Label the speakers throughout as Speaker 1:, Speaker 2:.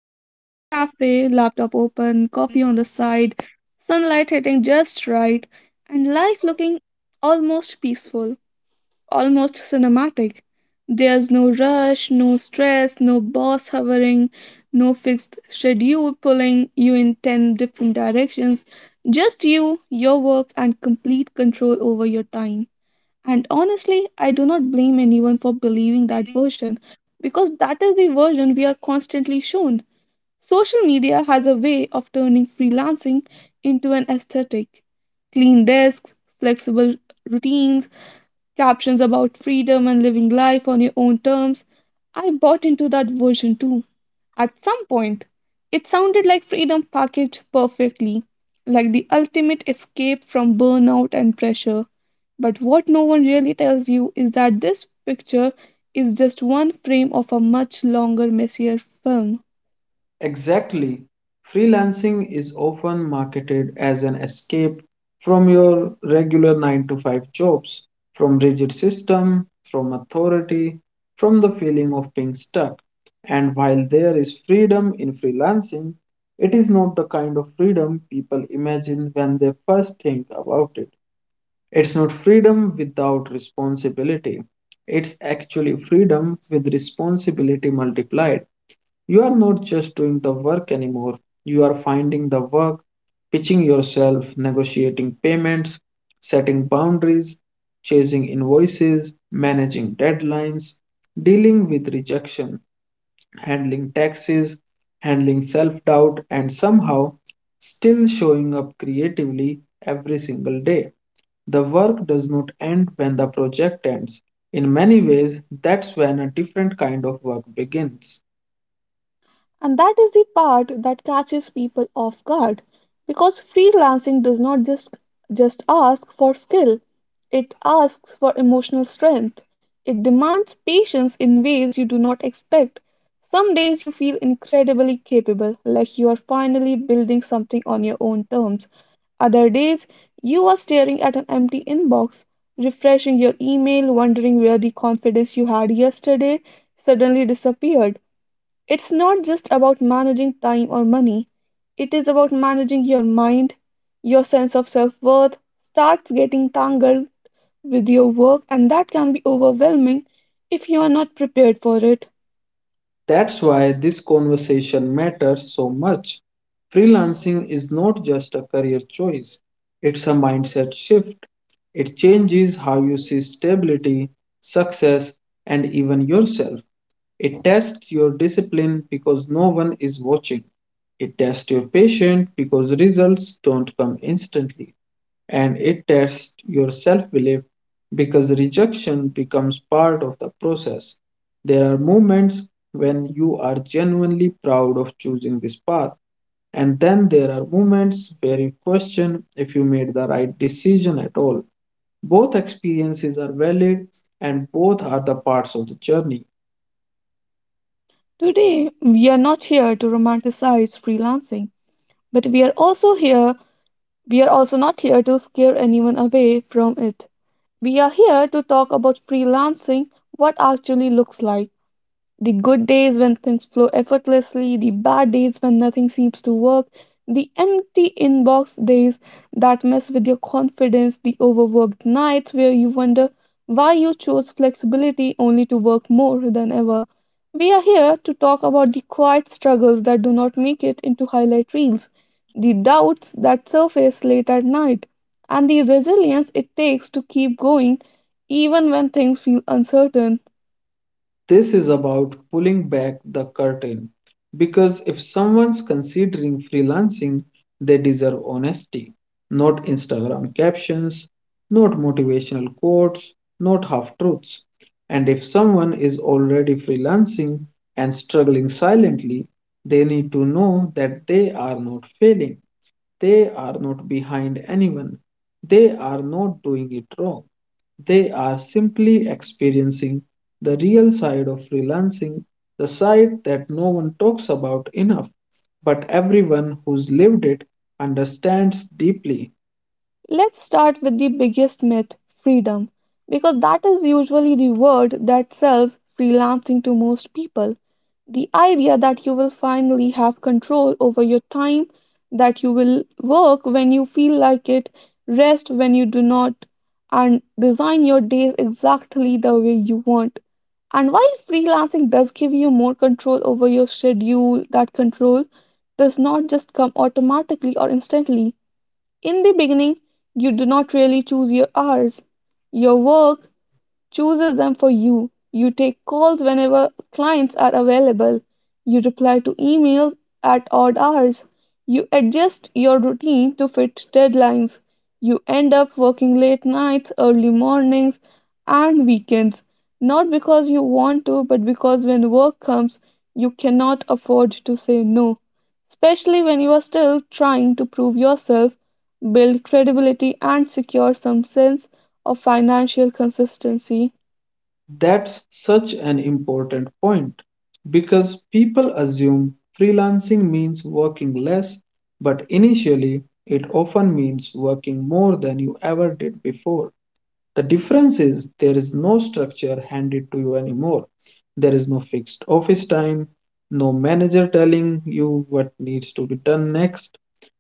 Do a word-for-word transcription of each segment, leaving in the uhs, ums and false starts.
Speaker 1: working from a cafe, laptop open, coffee on the side, sunlight hitting just right, and life looking almost peaceful, almost cinematic. There's no rush, no stress, no boss hovering, no fixed schedule pulling you in ten different directions. Just you, your work, and complete control over your time. And honestly, I do not blame anyone for believing that version because that is the version we are constantly shown. Social media has a way of turning freelancing into an aesthetic. Clean desks, flexible routines, captions about freedom and living life on your own terms. I bought into that version too. At some point, it sounded like freedom packaged perfectly, like the ultimate escape from burnout and pressure. But what no one really tells you is that this picture is just one frame of a much longer, messier film.
Speaker 2: Exactly. Freelancing is often marketed as an escape from your regular nine to five jobs, from rigid system, from authority, from the feeling of being stuck. And while there is freedom in freelancing, it is not the kind of freedom people imagine when they first think about it. It's not freedom without responsibility. It's actually freedom with responsibility multiplied. You are not just doing the work anymore, you are finding the work, pitching yourself, negotiating payments, setting boundaries, chasing invoices, managing deadlines, dealing with rejection, handling taxes, handling self doubt, and somehow still showing up creatively every single day. The work does not end when the project ends. In many ways, that's when a different kind of work begins.
Speaker 1: And that is the part that catches people off guard because freelancing does not just, just ask for skill, it asks for emotional strength. It demands patience in ways you do not expect. Some days you feel incredibly capable, like you are finally building something on your own terms. Other days, you are staring at an empty inbox, refreshing your email, wondering where the confidence you had yesterday suddenly disappeared. It's not just about managing time or money, it is about managing your mind. Your sense of self worth starts getting tangled with your work, and that can be overwhelming if you are not prepared for it.
Speaker 2: That's why this conversation matters so much. Freelancing is not just a career choice, it's a mindset shift. It changes how you see stability, success, and even yourself. It tests your discipline because no one is watching. It tests your patience because results don't come instantly and it tests your self belief because rejection becomes part of the process. There are moments when you are genuinely proud of choosing this path, and then there are moments where you question if you made the right decision at all. Both experiences are valid and both are the parts of the journey.
Speaker 1: Today, we are not here to romanticize freelancing, but we are also here, we are also not here to scare anyone away from it. We are here to talk about freelancing, what actually looks like. The good days when things flow effortlessly, the bad days when nothing seems to work, the empty inbox days that mess with your confidence, the overworked nights where you wonder why you chose flexibility only to work more than ever. We are here to talk about the quiet struggles that do not make it into highlight reels, the doubts that surface late at night, and the resilience it takes to keep going even when things feel uncertain.
Speaker 2: This is about pulling back the curtain because if someone's considering freelancing, they deserve honesty, not Instagram captions, not motivational quotes, not half truths. And if someone is already freelancing and struggling silently, they need to know that they are not failing. They are not behind anyone. They are not doing it wrong. They are simply experiencing the real side of freelancing, the side that no one talks about enough, but everyone who's lived it understands deeply.
Speaker 1: Let's start with the biggest myth, freedom, because that is usually the word that sells freelancing to most people. The idea that you will finally have control over your time, that you will work when you feel like it, rest when you do not, and design your days exactly the way you want. And while freelancing does give you more control over your schedule, that control does not just come automatically or instantly. In the beginning, you do not really choose your hours. Your work chooses them for you. You take calls whenever clients are available. You reply to emails at odd hours. You adjust your routine to fit deadlines. You end up working late nights, early mornings, and weekends. Not because you want to, but because when work comes, you cannot afford to say no. Especially when you are still trying to prove yourself, build credibility, and secure some sense of financial consistency.
Speaker 2: That's such an important point because people assume freelancing means working less, but initially it often means working more than you ever did before. The difference is there is no structure handed to you anymore. There is no fixed office time, no manager telling you what needs to be done next.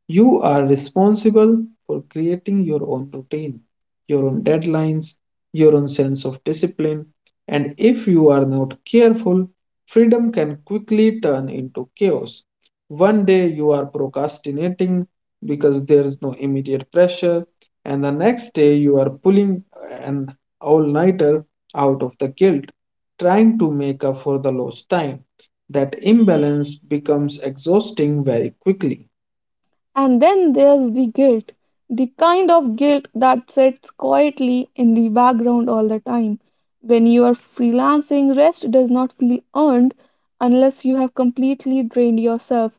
Speaker 2: You are responsible for creating your own routine, your own deadlines, your own sense of discipline. And if you are not careful, freedom can quickly turn into chaos. One day you are procrastinating because there is no immediate pressure, and the next day you are pulling an all-nighter out of the guilt, trying to make up for the lost time. That imbalance becomes exhausting very quickly.
Speaker 1: And then there's the guilt, the kind of guilt that sits quietly in the background all the time. When you are freelancing, rest does not feel earned unless you have completely drained yourself.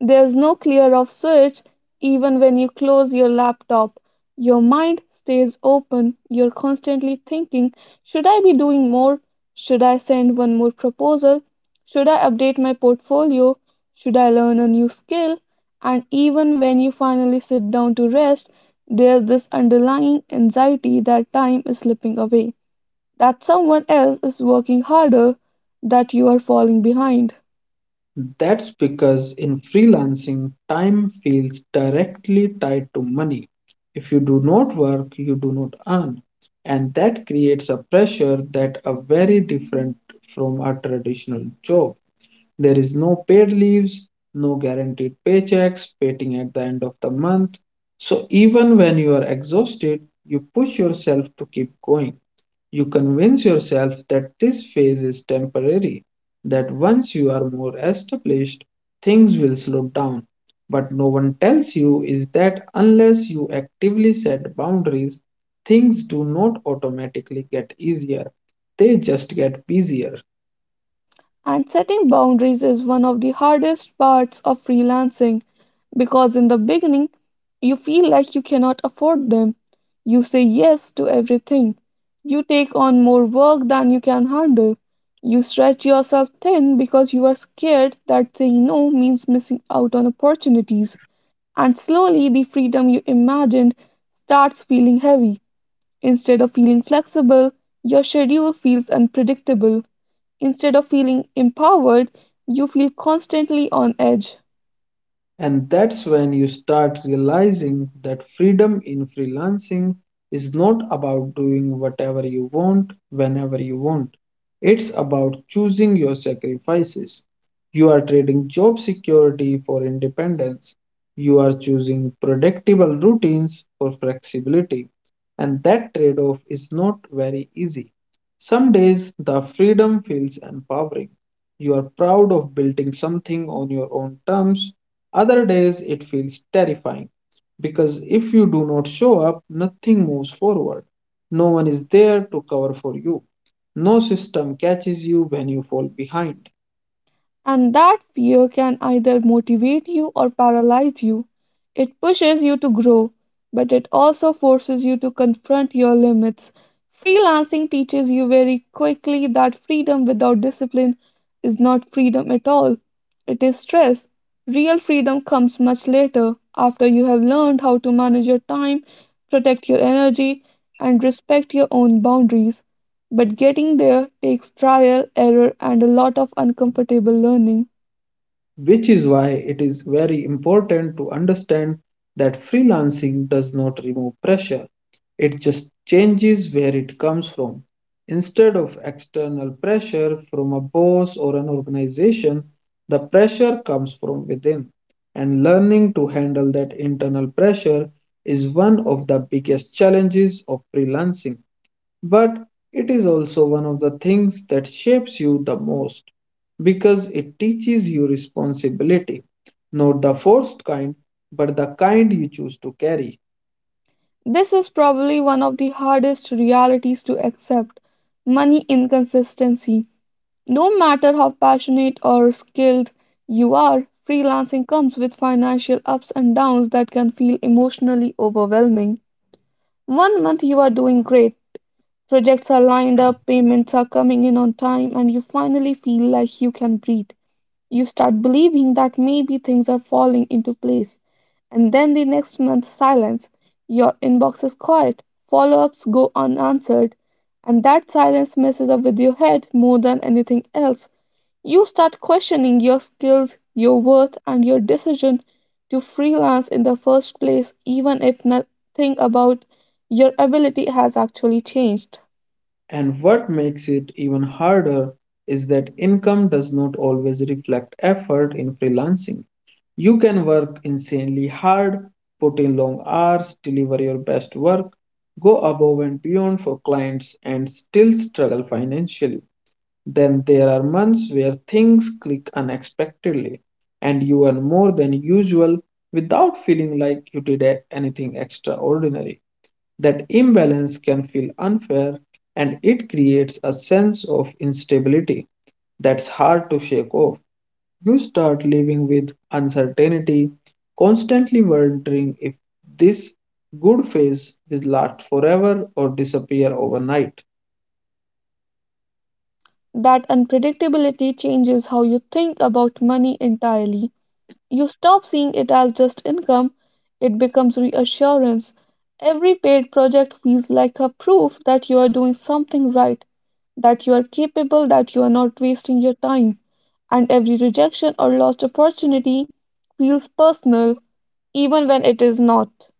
Speaker 1: There's no clear off switch even when you close your laptop. Your mind stays open. You're constantly thinking, should I be doing more? Should I send one more proposal? Should I update my portfolio? Should I learn a new skill? And even when you finally sit down to rest, there's this underlying anxiety that time is slipping away, that someone else is working harder, that you are falling behind.
Speaker 2: That's because in freelancing, time feels directly tied to money. If you do not work, you do not earn. And that creates a pressure that are very different from a traditional job. There is no paid leaves, no guaranteed paychecks waiting at the end of the month. So even when you are exhausted, you push yourself to keep going. You convince yourself that this phase is temporary, that once you are more established, things will slow down. But no one tells you is that unless you actively set boundaries, things do not automatically get easier, they just get busier.
Speaker 1: And setting boundaries is one of the hardest parts of freelancing because in the beginning, you feel like you cannot afford them. You say yes to everything. You take on more work than you can handle. You stretch yourself thin because you are scared that saying no means missing out on opportunities. And slowly, the freedom you imagined starts feeling heavy. Instead of feeling flexible, your schedule feels unpredictable. Instead of feeling empowered, you feel constantly on edge.
Speaker 2: And that's when you start realizing that freedom in freelancing is not about doing whatever you want whenever you want. It's about choosing your sacrifices. You are trading job security for independence. You are choosing predictable routines for flexibility. And that trade off is not very easy. Some days the freedom feels empowering, you are proud of building something on your own terms. Other days, it feels terrifying because if you do not show up, nothing moves forward. No one is there to cover for you. No system catches you when you fall behind.
Speaker 1: And that fear can either motivate you or paralyze you. It pushes you to grow, but it also forces you to confront your limits. Freelancing teaches you very quickly that freedom without discipline is not freedom at all. It is stress. Real freedom comes much later, after you have learned how to manage your time, protect your energy, and respect your own boundaries. But getting there takes trial, error, and a lot of uncomfortable learning.
Speaker 2: Which is why it is very important to understand that freelancing does not remove pressure. It just changes where it comes from. Instead of external pressure from a boss or an organization, the pressure comes from within. And learning to handle that internal pressure is one of the biggest challenges of freelancing but it is also one of the things that shapes you the most because it teaches you responsibility, not the forced kind, but the kind you choose to carry.
Speaker 1: This is probably one of the hardest realities to accept, money inconsistency. No matter how passionate or skilled you are, freelancing comes with financial ups and downs that can feel emotionally overwhelming. One month you are doing great, projects are lined up, payments are coming in on time, and you finally feel like you can breathe. You start believing that maybe things are falling into place. And then the next month, silence. Your inbox is quiet, follow ups go unanswered, and that silence messes up with your head more than anything else. You start questioning your skills, your worth, and your decision to freelance in the first place, even if nothing about your ability has actually changed.
Speaker 2: And what makes it even harder is that income does not always reflect effort in freelancing. You can work insanely hard, put in long hours, deliver your best work, go above and beyond for clients, and still struggle financially. Then there are months where things click unexpectedly and you earn more than usual without feeling like you did a- anything extraordinary. That imbalance can feel unfair and it creates a sense of instability that's hard to shake off. You start living with uncertainty, constantly wondering if this good phase will last forever or disappear overnight.
Speaker 1: That unpredictability changes how you think about money entirely. You stop seeing it as just income, it becomes reassurance. Every paid project feels like a proof that you are doing something right, that you are capable, that you are not wasting your time. And every rejection or lost opportunity feels personal, even when it is not.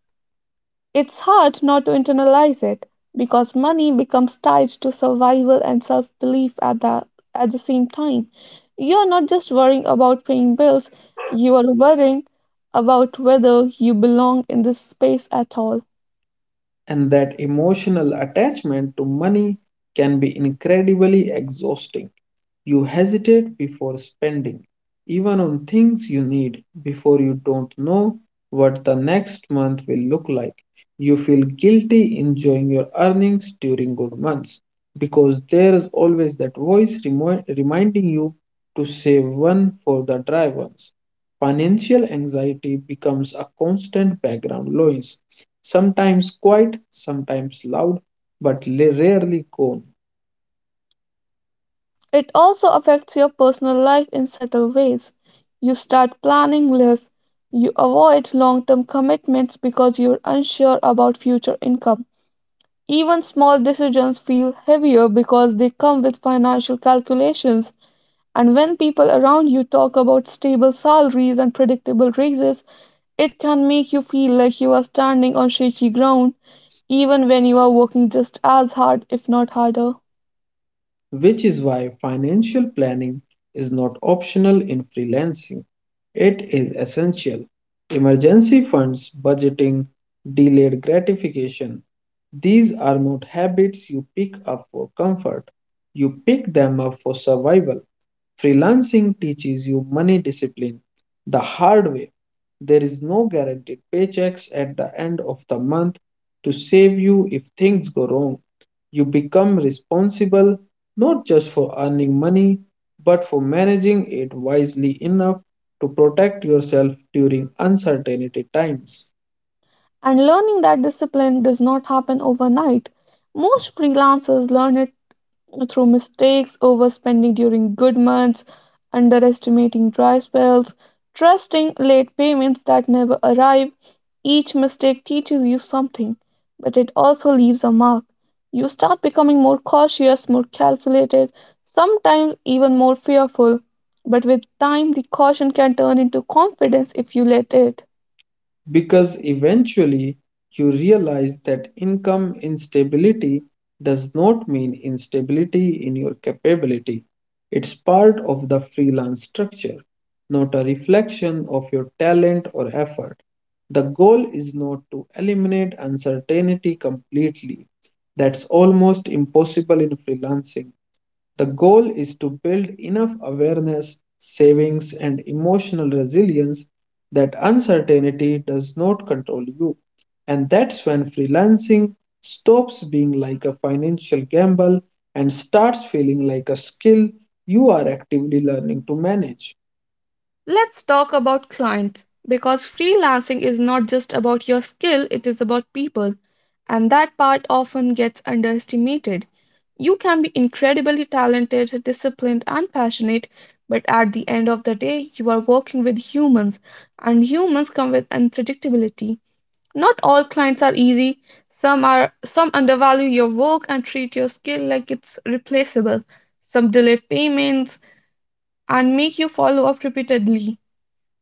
Speaker 1: It's hard not to internalize it because money becomes tied to survival and self belief at the, at the same time. You are not just worrying about paying bills, you are worrying about whether you belong in this space at all.
Speaker 2: And that emotional attachment to money can be incredibly exhausting. You hesitate before spending, even on things you need, before you don't know what the next month will look like. You feel guilty enjoying your earnings during good months because there is always that voice remo- reminding you to save one for the dry ones. Financial anxiety becomes a constant background noise, sometimes quiet, sometimes loud, but la- rarely gone.
Speaker 1: It also affects your personal life in subtle ways. You start planning less, you avoid long term commitments because you're unsure about future income. Even small decisions feel heavier because they come with financial calculations. And when people around you talk about stable salaries and predictable raises, it can make you feel like you are standing on shaky ground, even when you are working just as hard, if not harder.
Speaker 2: Which is why financial planning is not optional in freelancing. It is essential. Emergency funds, budgeting, delayed gratification. These are not habits you pick up for comfort. You pick them up for survival. Freelancing teaches you money discipline the hard way. There is no guaranteed paychecks at the end of the month to save you if things go wrong. You become responsible not just for earning money, but for managing it wisely enough to protect yourself during uncertainty times.
Speaker 1: And learning that discipline does not happen overnight. Most freelancers learn it through mistakes, overspending during good months, underestimating dry spells, trusting late payments that never arrive. Each mistake teaches you something, but it also leaves a mark. You start becoming more cautious, more calculated, sometimes even more fearful. But with time, the caution can turn into confidence if you let it.
Speaker 2: Because eventually you realize that income instability does not mean instability in your capability. It's part of the freelance structure, not a reflection of your talent or effort. The goal is not to eliminate uncertainty completely. That's almost impossible in freelancing. The goal is to build enough awareness, savings, and emotional resilience that uncertainty does not control you. And that's when freelancing stops being like a financial gamble and starts feeling like a skill you are actively learning to manage.
Speaker 1: Let's talk about clients because freelancing is not just about your skill, it is about people, and that part often gets underestimated. You can be incredibly talented, disciplined, and passionate, but at the end of the day, you are working with humans, and humans come with unpredictability. Not all clients are easy. Some are, some undervalue your work and treat your skill like it's replaceable. Some delay payments and make you follow up repeatedly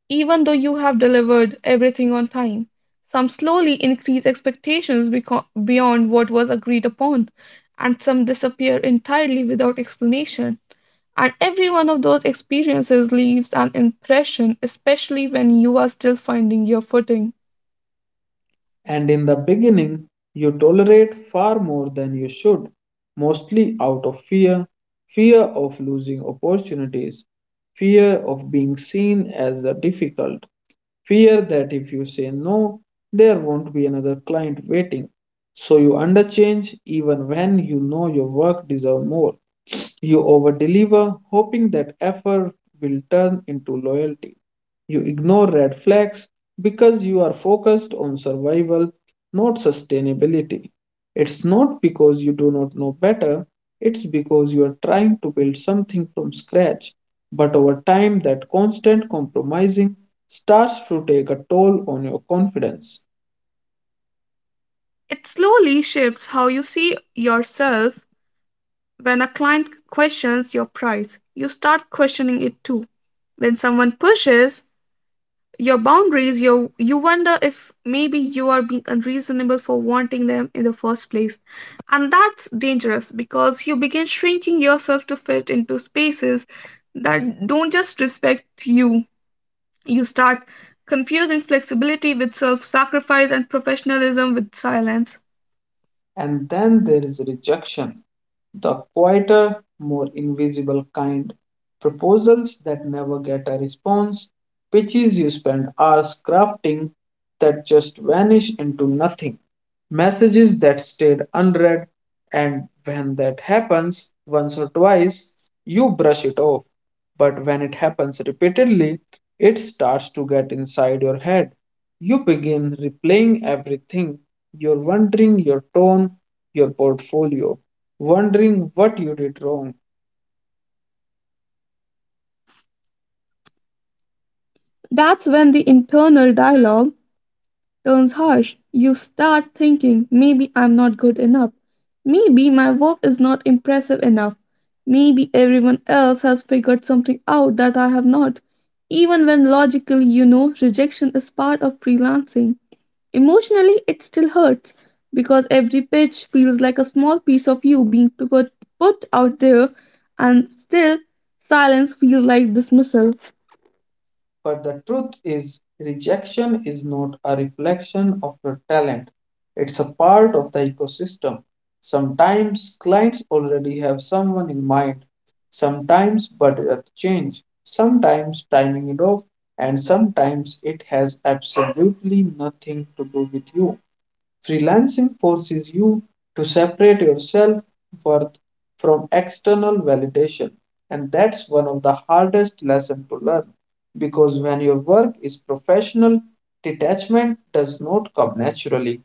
Speaker 1: even though you have delivered everything on time, some slowly increase expectations beco- beyond what was agreed upon, and some disappear entirely without explanation. And every one of those experiences leaves an impression, especially when you are still finding your footing.
Speaker 2: And in the beginning, you tolerate far more than you should, mostly out of fear fear of losing opportunities, fear of being seen as a difficult, fear that if you say no, there won't be another client waiting. So you underchange even when you know your work deserves more. You overdeliver, hoping that effort will turn into loyalty. You ignore red flags because you are focused on survival, not sustainability. It's not because you do not know better, it's because you are trying to build something from scratch. But over time, that constant compromising starts to take a toll on your confidence.
Speaker 1: It slowly shifts how you see yourself. When a client questions your price, you start questioning it too. When someone pushes your boundaries, you you wonder if maybe you are being unreasonable for wanting them in the first place. And that's dangerous because you begin shrinking yourself to fit into spaces that don't just respect you. You start confusing flexibility with self-sacrifice and professionalism with silence.
Speaker 2: And then there is rejection the quieter, more invisible kind, proposals that never get a response, pitches you spend hours crafting that just vanish into nothing, messages that stayed unread, and when that happens once or twice, you brush it off. But when it happens repeatedly, it starts to get inside your head. You begin replaying everything your wondering, your tone, your portfolio wondering what you did wrong.
Speaker 1: That's when the internal dialogue turns harsh. You start thinking, maybe I'm not good enough. Maybe my work is not impressive enough. Maybe everyone else has figured something out that I have not. Even when logically you know rejection is part of freelancing, emotionally it still hurts because every pitch feels like a small piece of you being put, put out there, and still silence feels like dismissal.
Speaker 2: But the truth is, rejection is not a reflection of your talent, it's a part of the ecosystem. Sometimes clients already have someone in mind, sometimes budget change, sometimes timing it off, and sometimes it has absolutely nothing to do with you. Freelancing forces you to separate your self worth from external validation, and that's one of the hardest lessons to learn because when your work is professional, detachment does not come naturally.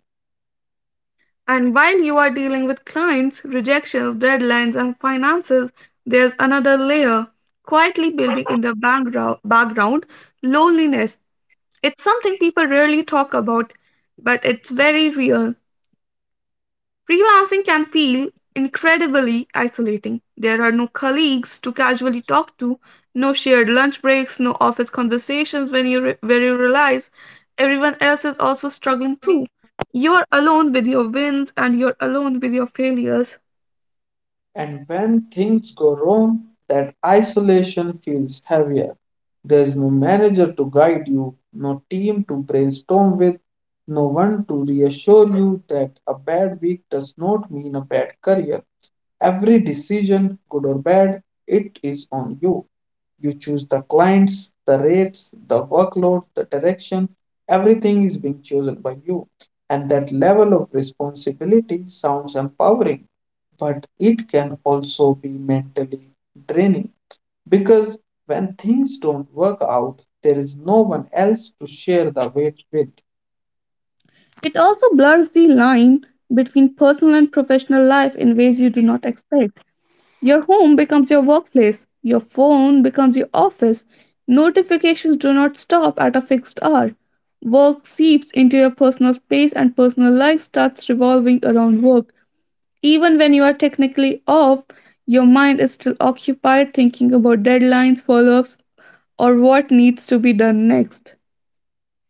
Speaker 1: And while you are dealing with clients, rejections, deadlines, and finances, there's another layer quietly building in the background, background loneliness. It's something people rarely talk about, but it's very real. Freelancing can feel incredibly isolating. There are no colleagues to casually talk to, no shared lunch breaks, no office conversations when you re- where you realize everyone else is also struggling too. You're alone with your wins and you're alone with your failures.
Speaker 2: And when things go wrong, that isolation feels heavier. There is no manager to guide you, no team to brainstorm with, no one to reassure you that a bad week does not mean a bad career. Every decision, good or bad, it is on you. You choose the clients, the rates, the workload, the direction. Everything is being chosen by you. And that level of responsibility sounds empowering, but it can also be mentally draining because when things don't work out, there is no one else to share the weight with.
Speaker 1: It also blurs the line between personal and professional life in ways you do not expect. Your home becomes your workplace. Your phone becomes your office. Notifications do not stop at a fixed hour. Work seeps into your personal space, and personal life starts revolving around work. Even when you are technically off, your mind is still occupied thinking about deadlines, follow ups, or what needs to be done next.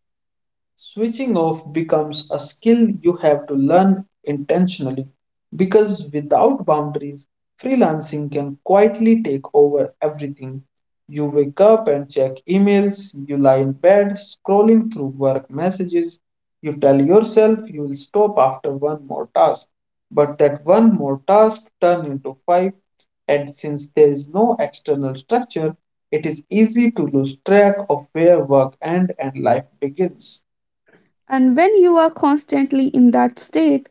Speaker 2: Switching off becomes a skill you have to learn intentionally because without boundaries, freelancing can quietly take over everything. You wake up and check emails, you lie in bed scrolling through work messages, you tell yourself you will stop after one more task, but that one more task turns into five, and since there is no external structure, it is easy to lose track of where work ends and life begins.
Speaker 1: And when you are constantly in that state,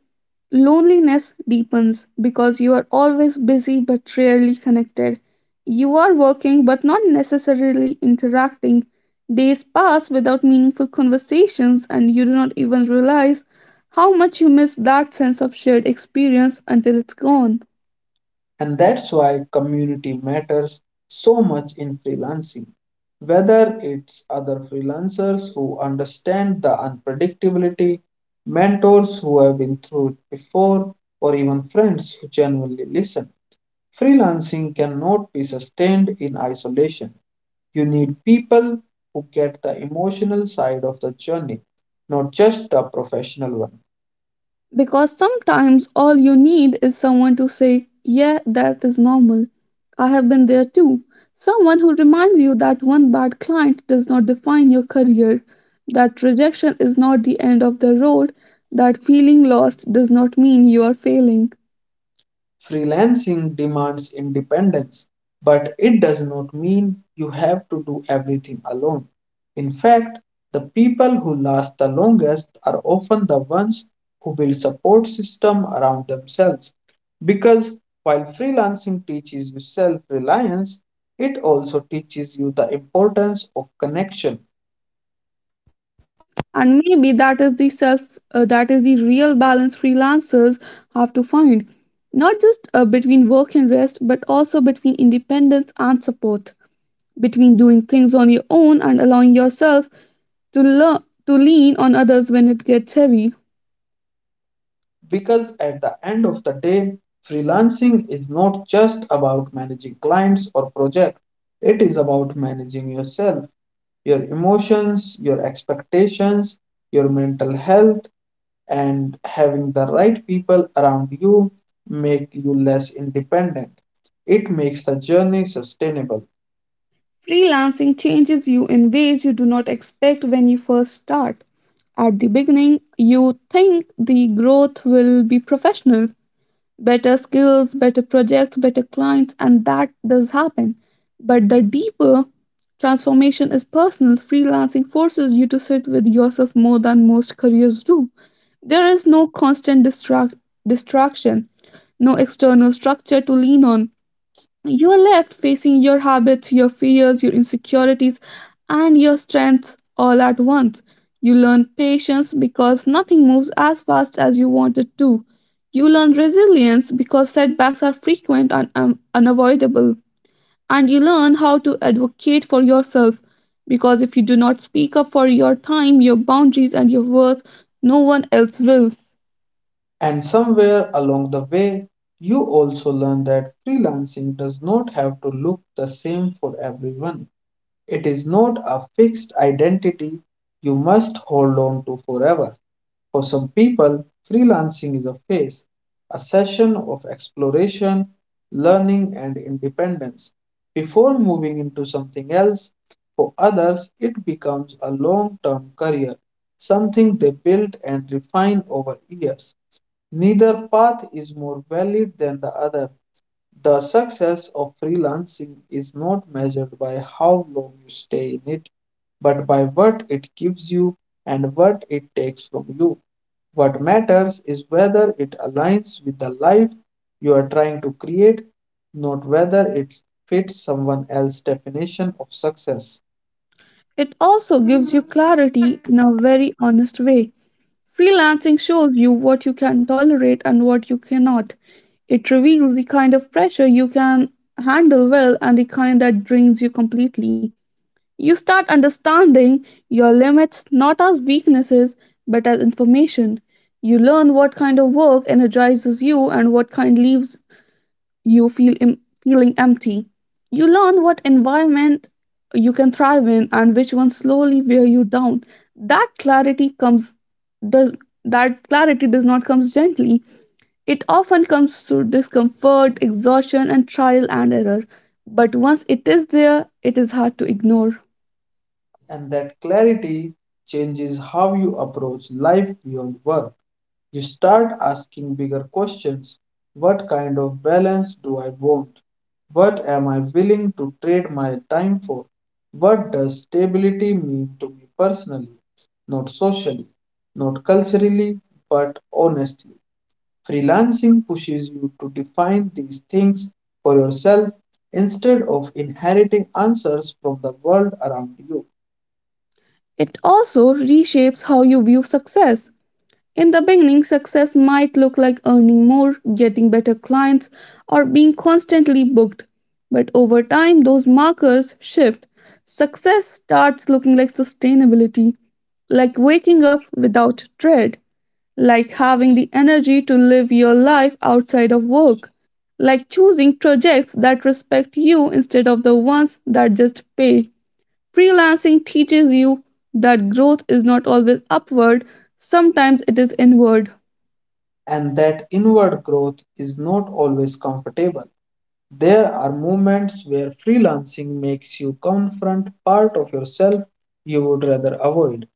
Speaker 1: loneliness deepens because you are always busy but rarely connected. You are working but not necessarily interacting. Days pass without meaningful conversations, and you do not even realize how much you miss that sense of shared experience until it's gone.
Speaker 2: And that's why community matters so much in freelancing. Whether it's other freelancers who understand the unpredictability, mentors who have been through it before, or even friends who genuinely listen. Freelancing cannot be sustained in isolation. You need people who get the emotional side of the journey, not just the professional one.
Speaker 1: Because sometimes all you need is someone to say, "Yeah, that is normal. I have been there too." Someone who reminds you that one bad client does not define your career, that rejection is not the end of the road, that feeling lost does not mean you are failing.
Speaker 2: Freelancing demands independence, but it does not mean you have to do everything alone. In fact, the people who last the longest are often the ones who build support system around themselves. Because while freelancing teaches you self-reliance, it also teaches you the importance of connection.
Speaker 1: And maybe that is the self, uh, that is the real balance freelancers have to find, not just uh, between work and rest, but also between independence and support, between doing things on your own and allowing yourself to learn to lean on others when it gets heavy.
Speaker 2: Because at the end of the day, freelancing is not just about managing clients or projects, it is about managing yourself, your emotions, your expectations, your mental health, and having the right people around you make you less independent. It makes the journey sustainable.
Speaker 1: Freelancing changes you in ways you do not expect when you first start. At the beginning, you think the growth will be professional, better skills, better projects, better clients, and that does happen. But the deeper transformation is personal. Freelancing forces you to sit with yourself more than most careers do. There is no constant distract- distraction, no external structure to lean on. You are left facing your habits, your fears, your insecurities, and your strengths all at once. You learn patience because nothing moves as fast as you want it to. You learn resilience because setbacks are frequent and um, unavoidable. And you learn how to advocate for yourself because if you do not speak up for your time, your boundaries, and your worth, no one else will.
Speaker 2: And somewhere along the way, you also learn that freelancing does not have to look the same for everyone. It is not a fixed identity you must hold on to forever. For some people, freelancing is a phase, a session of exploration, learning, and independence before moving into something else. For others, it becomes a long term career, something they build and refine over years. Neither path is more valid than the other. The success of freelancing is not measured by how long you stay in it, but by what it gives you and what it takes from you. What matters is whether it aligns with the life you are trying to create, not whether it fits someone else's definition of success.
Speaker 1: It also gives you clarity in a very honest way. Freelancing shows you what you can tolerate and what you cannot. It reveals the kind of pressure you can handle well and the kind that drains you completely. You start understanding your limits not as weaknesses but as information. You learn what kind of work energizes you and what kind leaves you feel em- feeling empty. You learn what environment you can thrive in and which ones slowly wear you down. That clarity comes does that clarity does not comes gently. It often comes through discomfort, exhaustion, and trial and error. But once it is there, it is hard to ignore.
Speaker 2: And that clarity changes how you approach life beyond work. You start asking bigger questions. What kind of balance do I want? What am I willing to trade my time for? What does stability mean to me personally? Not socially, not culturally, but honestly. Freelancing pushes you to define these things for yourself instead of inheriting answers from the world around you.
Speaker 1: It also reshapes how you view success. In the beginning, success might look like earning more, getting better clients, or being constantly booked. But over time, those markers shift. Success starts looking like sustainability, like waking up without dread, like having the energy to live your life outside of work, like choosing projects that respect you instead of the ones that just pay. Freelancing teaches you that growth is not always upward, sometimes it is inward.
Speaker 2: And that inward growth is not always comfortable. There are moments where freelancing makes you confront part of yourself you would rather avoid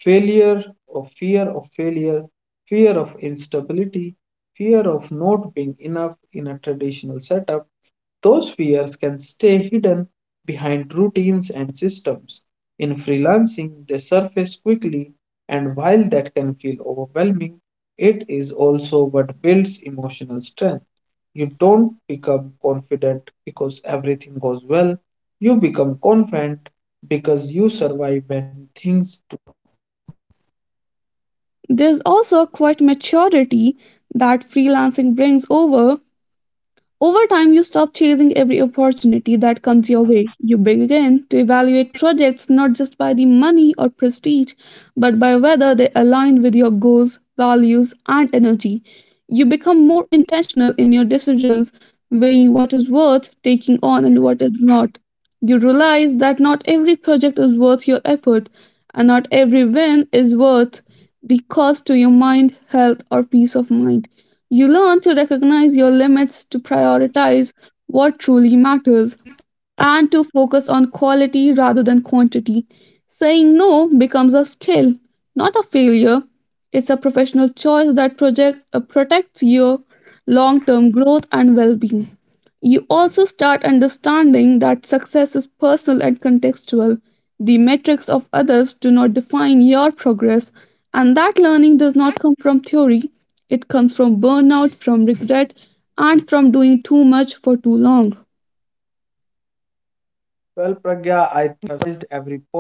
Speaker 2: failure or fear of failure, fear of instability, fear of not being enough in a traditional setup. Those fears can stay hidden behind routines and systems. In freelancing, they surface quickly, and while that can feel overwhelming, it is also what builds emotional strength. You don't become confident because everything goes well. You become confident because you survive when things.
Speaker 1: There's also quite maturity that freelancing brings over. Over time, you stop chasing every opportunity that comes your way. You begin to evaluate projects not just by the money or prestige, but by whether they align with your goals, values, and energy. You become more intentional in your decisions, weighing what is worth taking on and what is not. You realize that not every project is worth your effort, and not every win is worth the cost to your mind, health, or peace of mind. You learn to recognize your limits, to prioritize what truly matters, and to focus on quality rather than quantity. Saying no becomes a skill, not a failure. It's a professional choice that project, uh, protects your long term growth and well being. You also start understanding that success is personal and contextual. The metrics of others do not define your progress, and that learning does not come from theory. It comes from burnout, from regret, and from doing too much for too long.
Speaker 2: Well, Pragya, I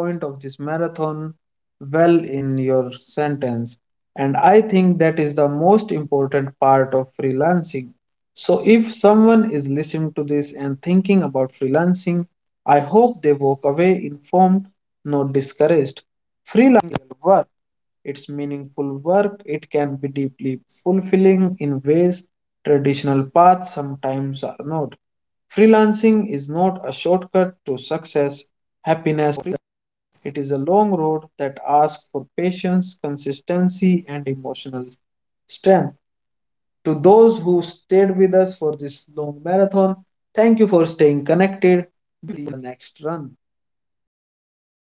Speaker 2: summarized every point of this marathon well in your sentence. And I think that is the most important part of freelancing. So, if someone is listening to this and thinking about freelancing, I hope they walk away informed, not discouraged. Freelancing is real work. It's meaningful work, it can be deeply fulfilling in ways traditional paths sometimes are not. Freelancing is not a shortcut to success, happiness. It is a long road that asks for patience, consistency, and emotional strength. To those who stayed with us for this long marathon, thank you for staying connected to the next run.
Speaker 1: Thank you.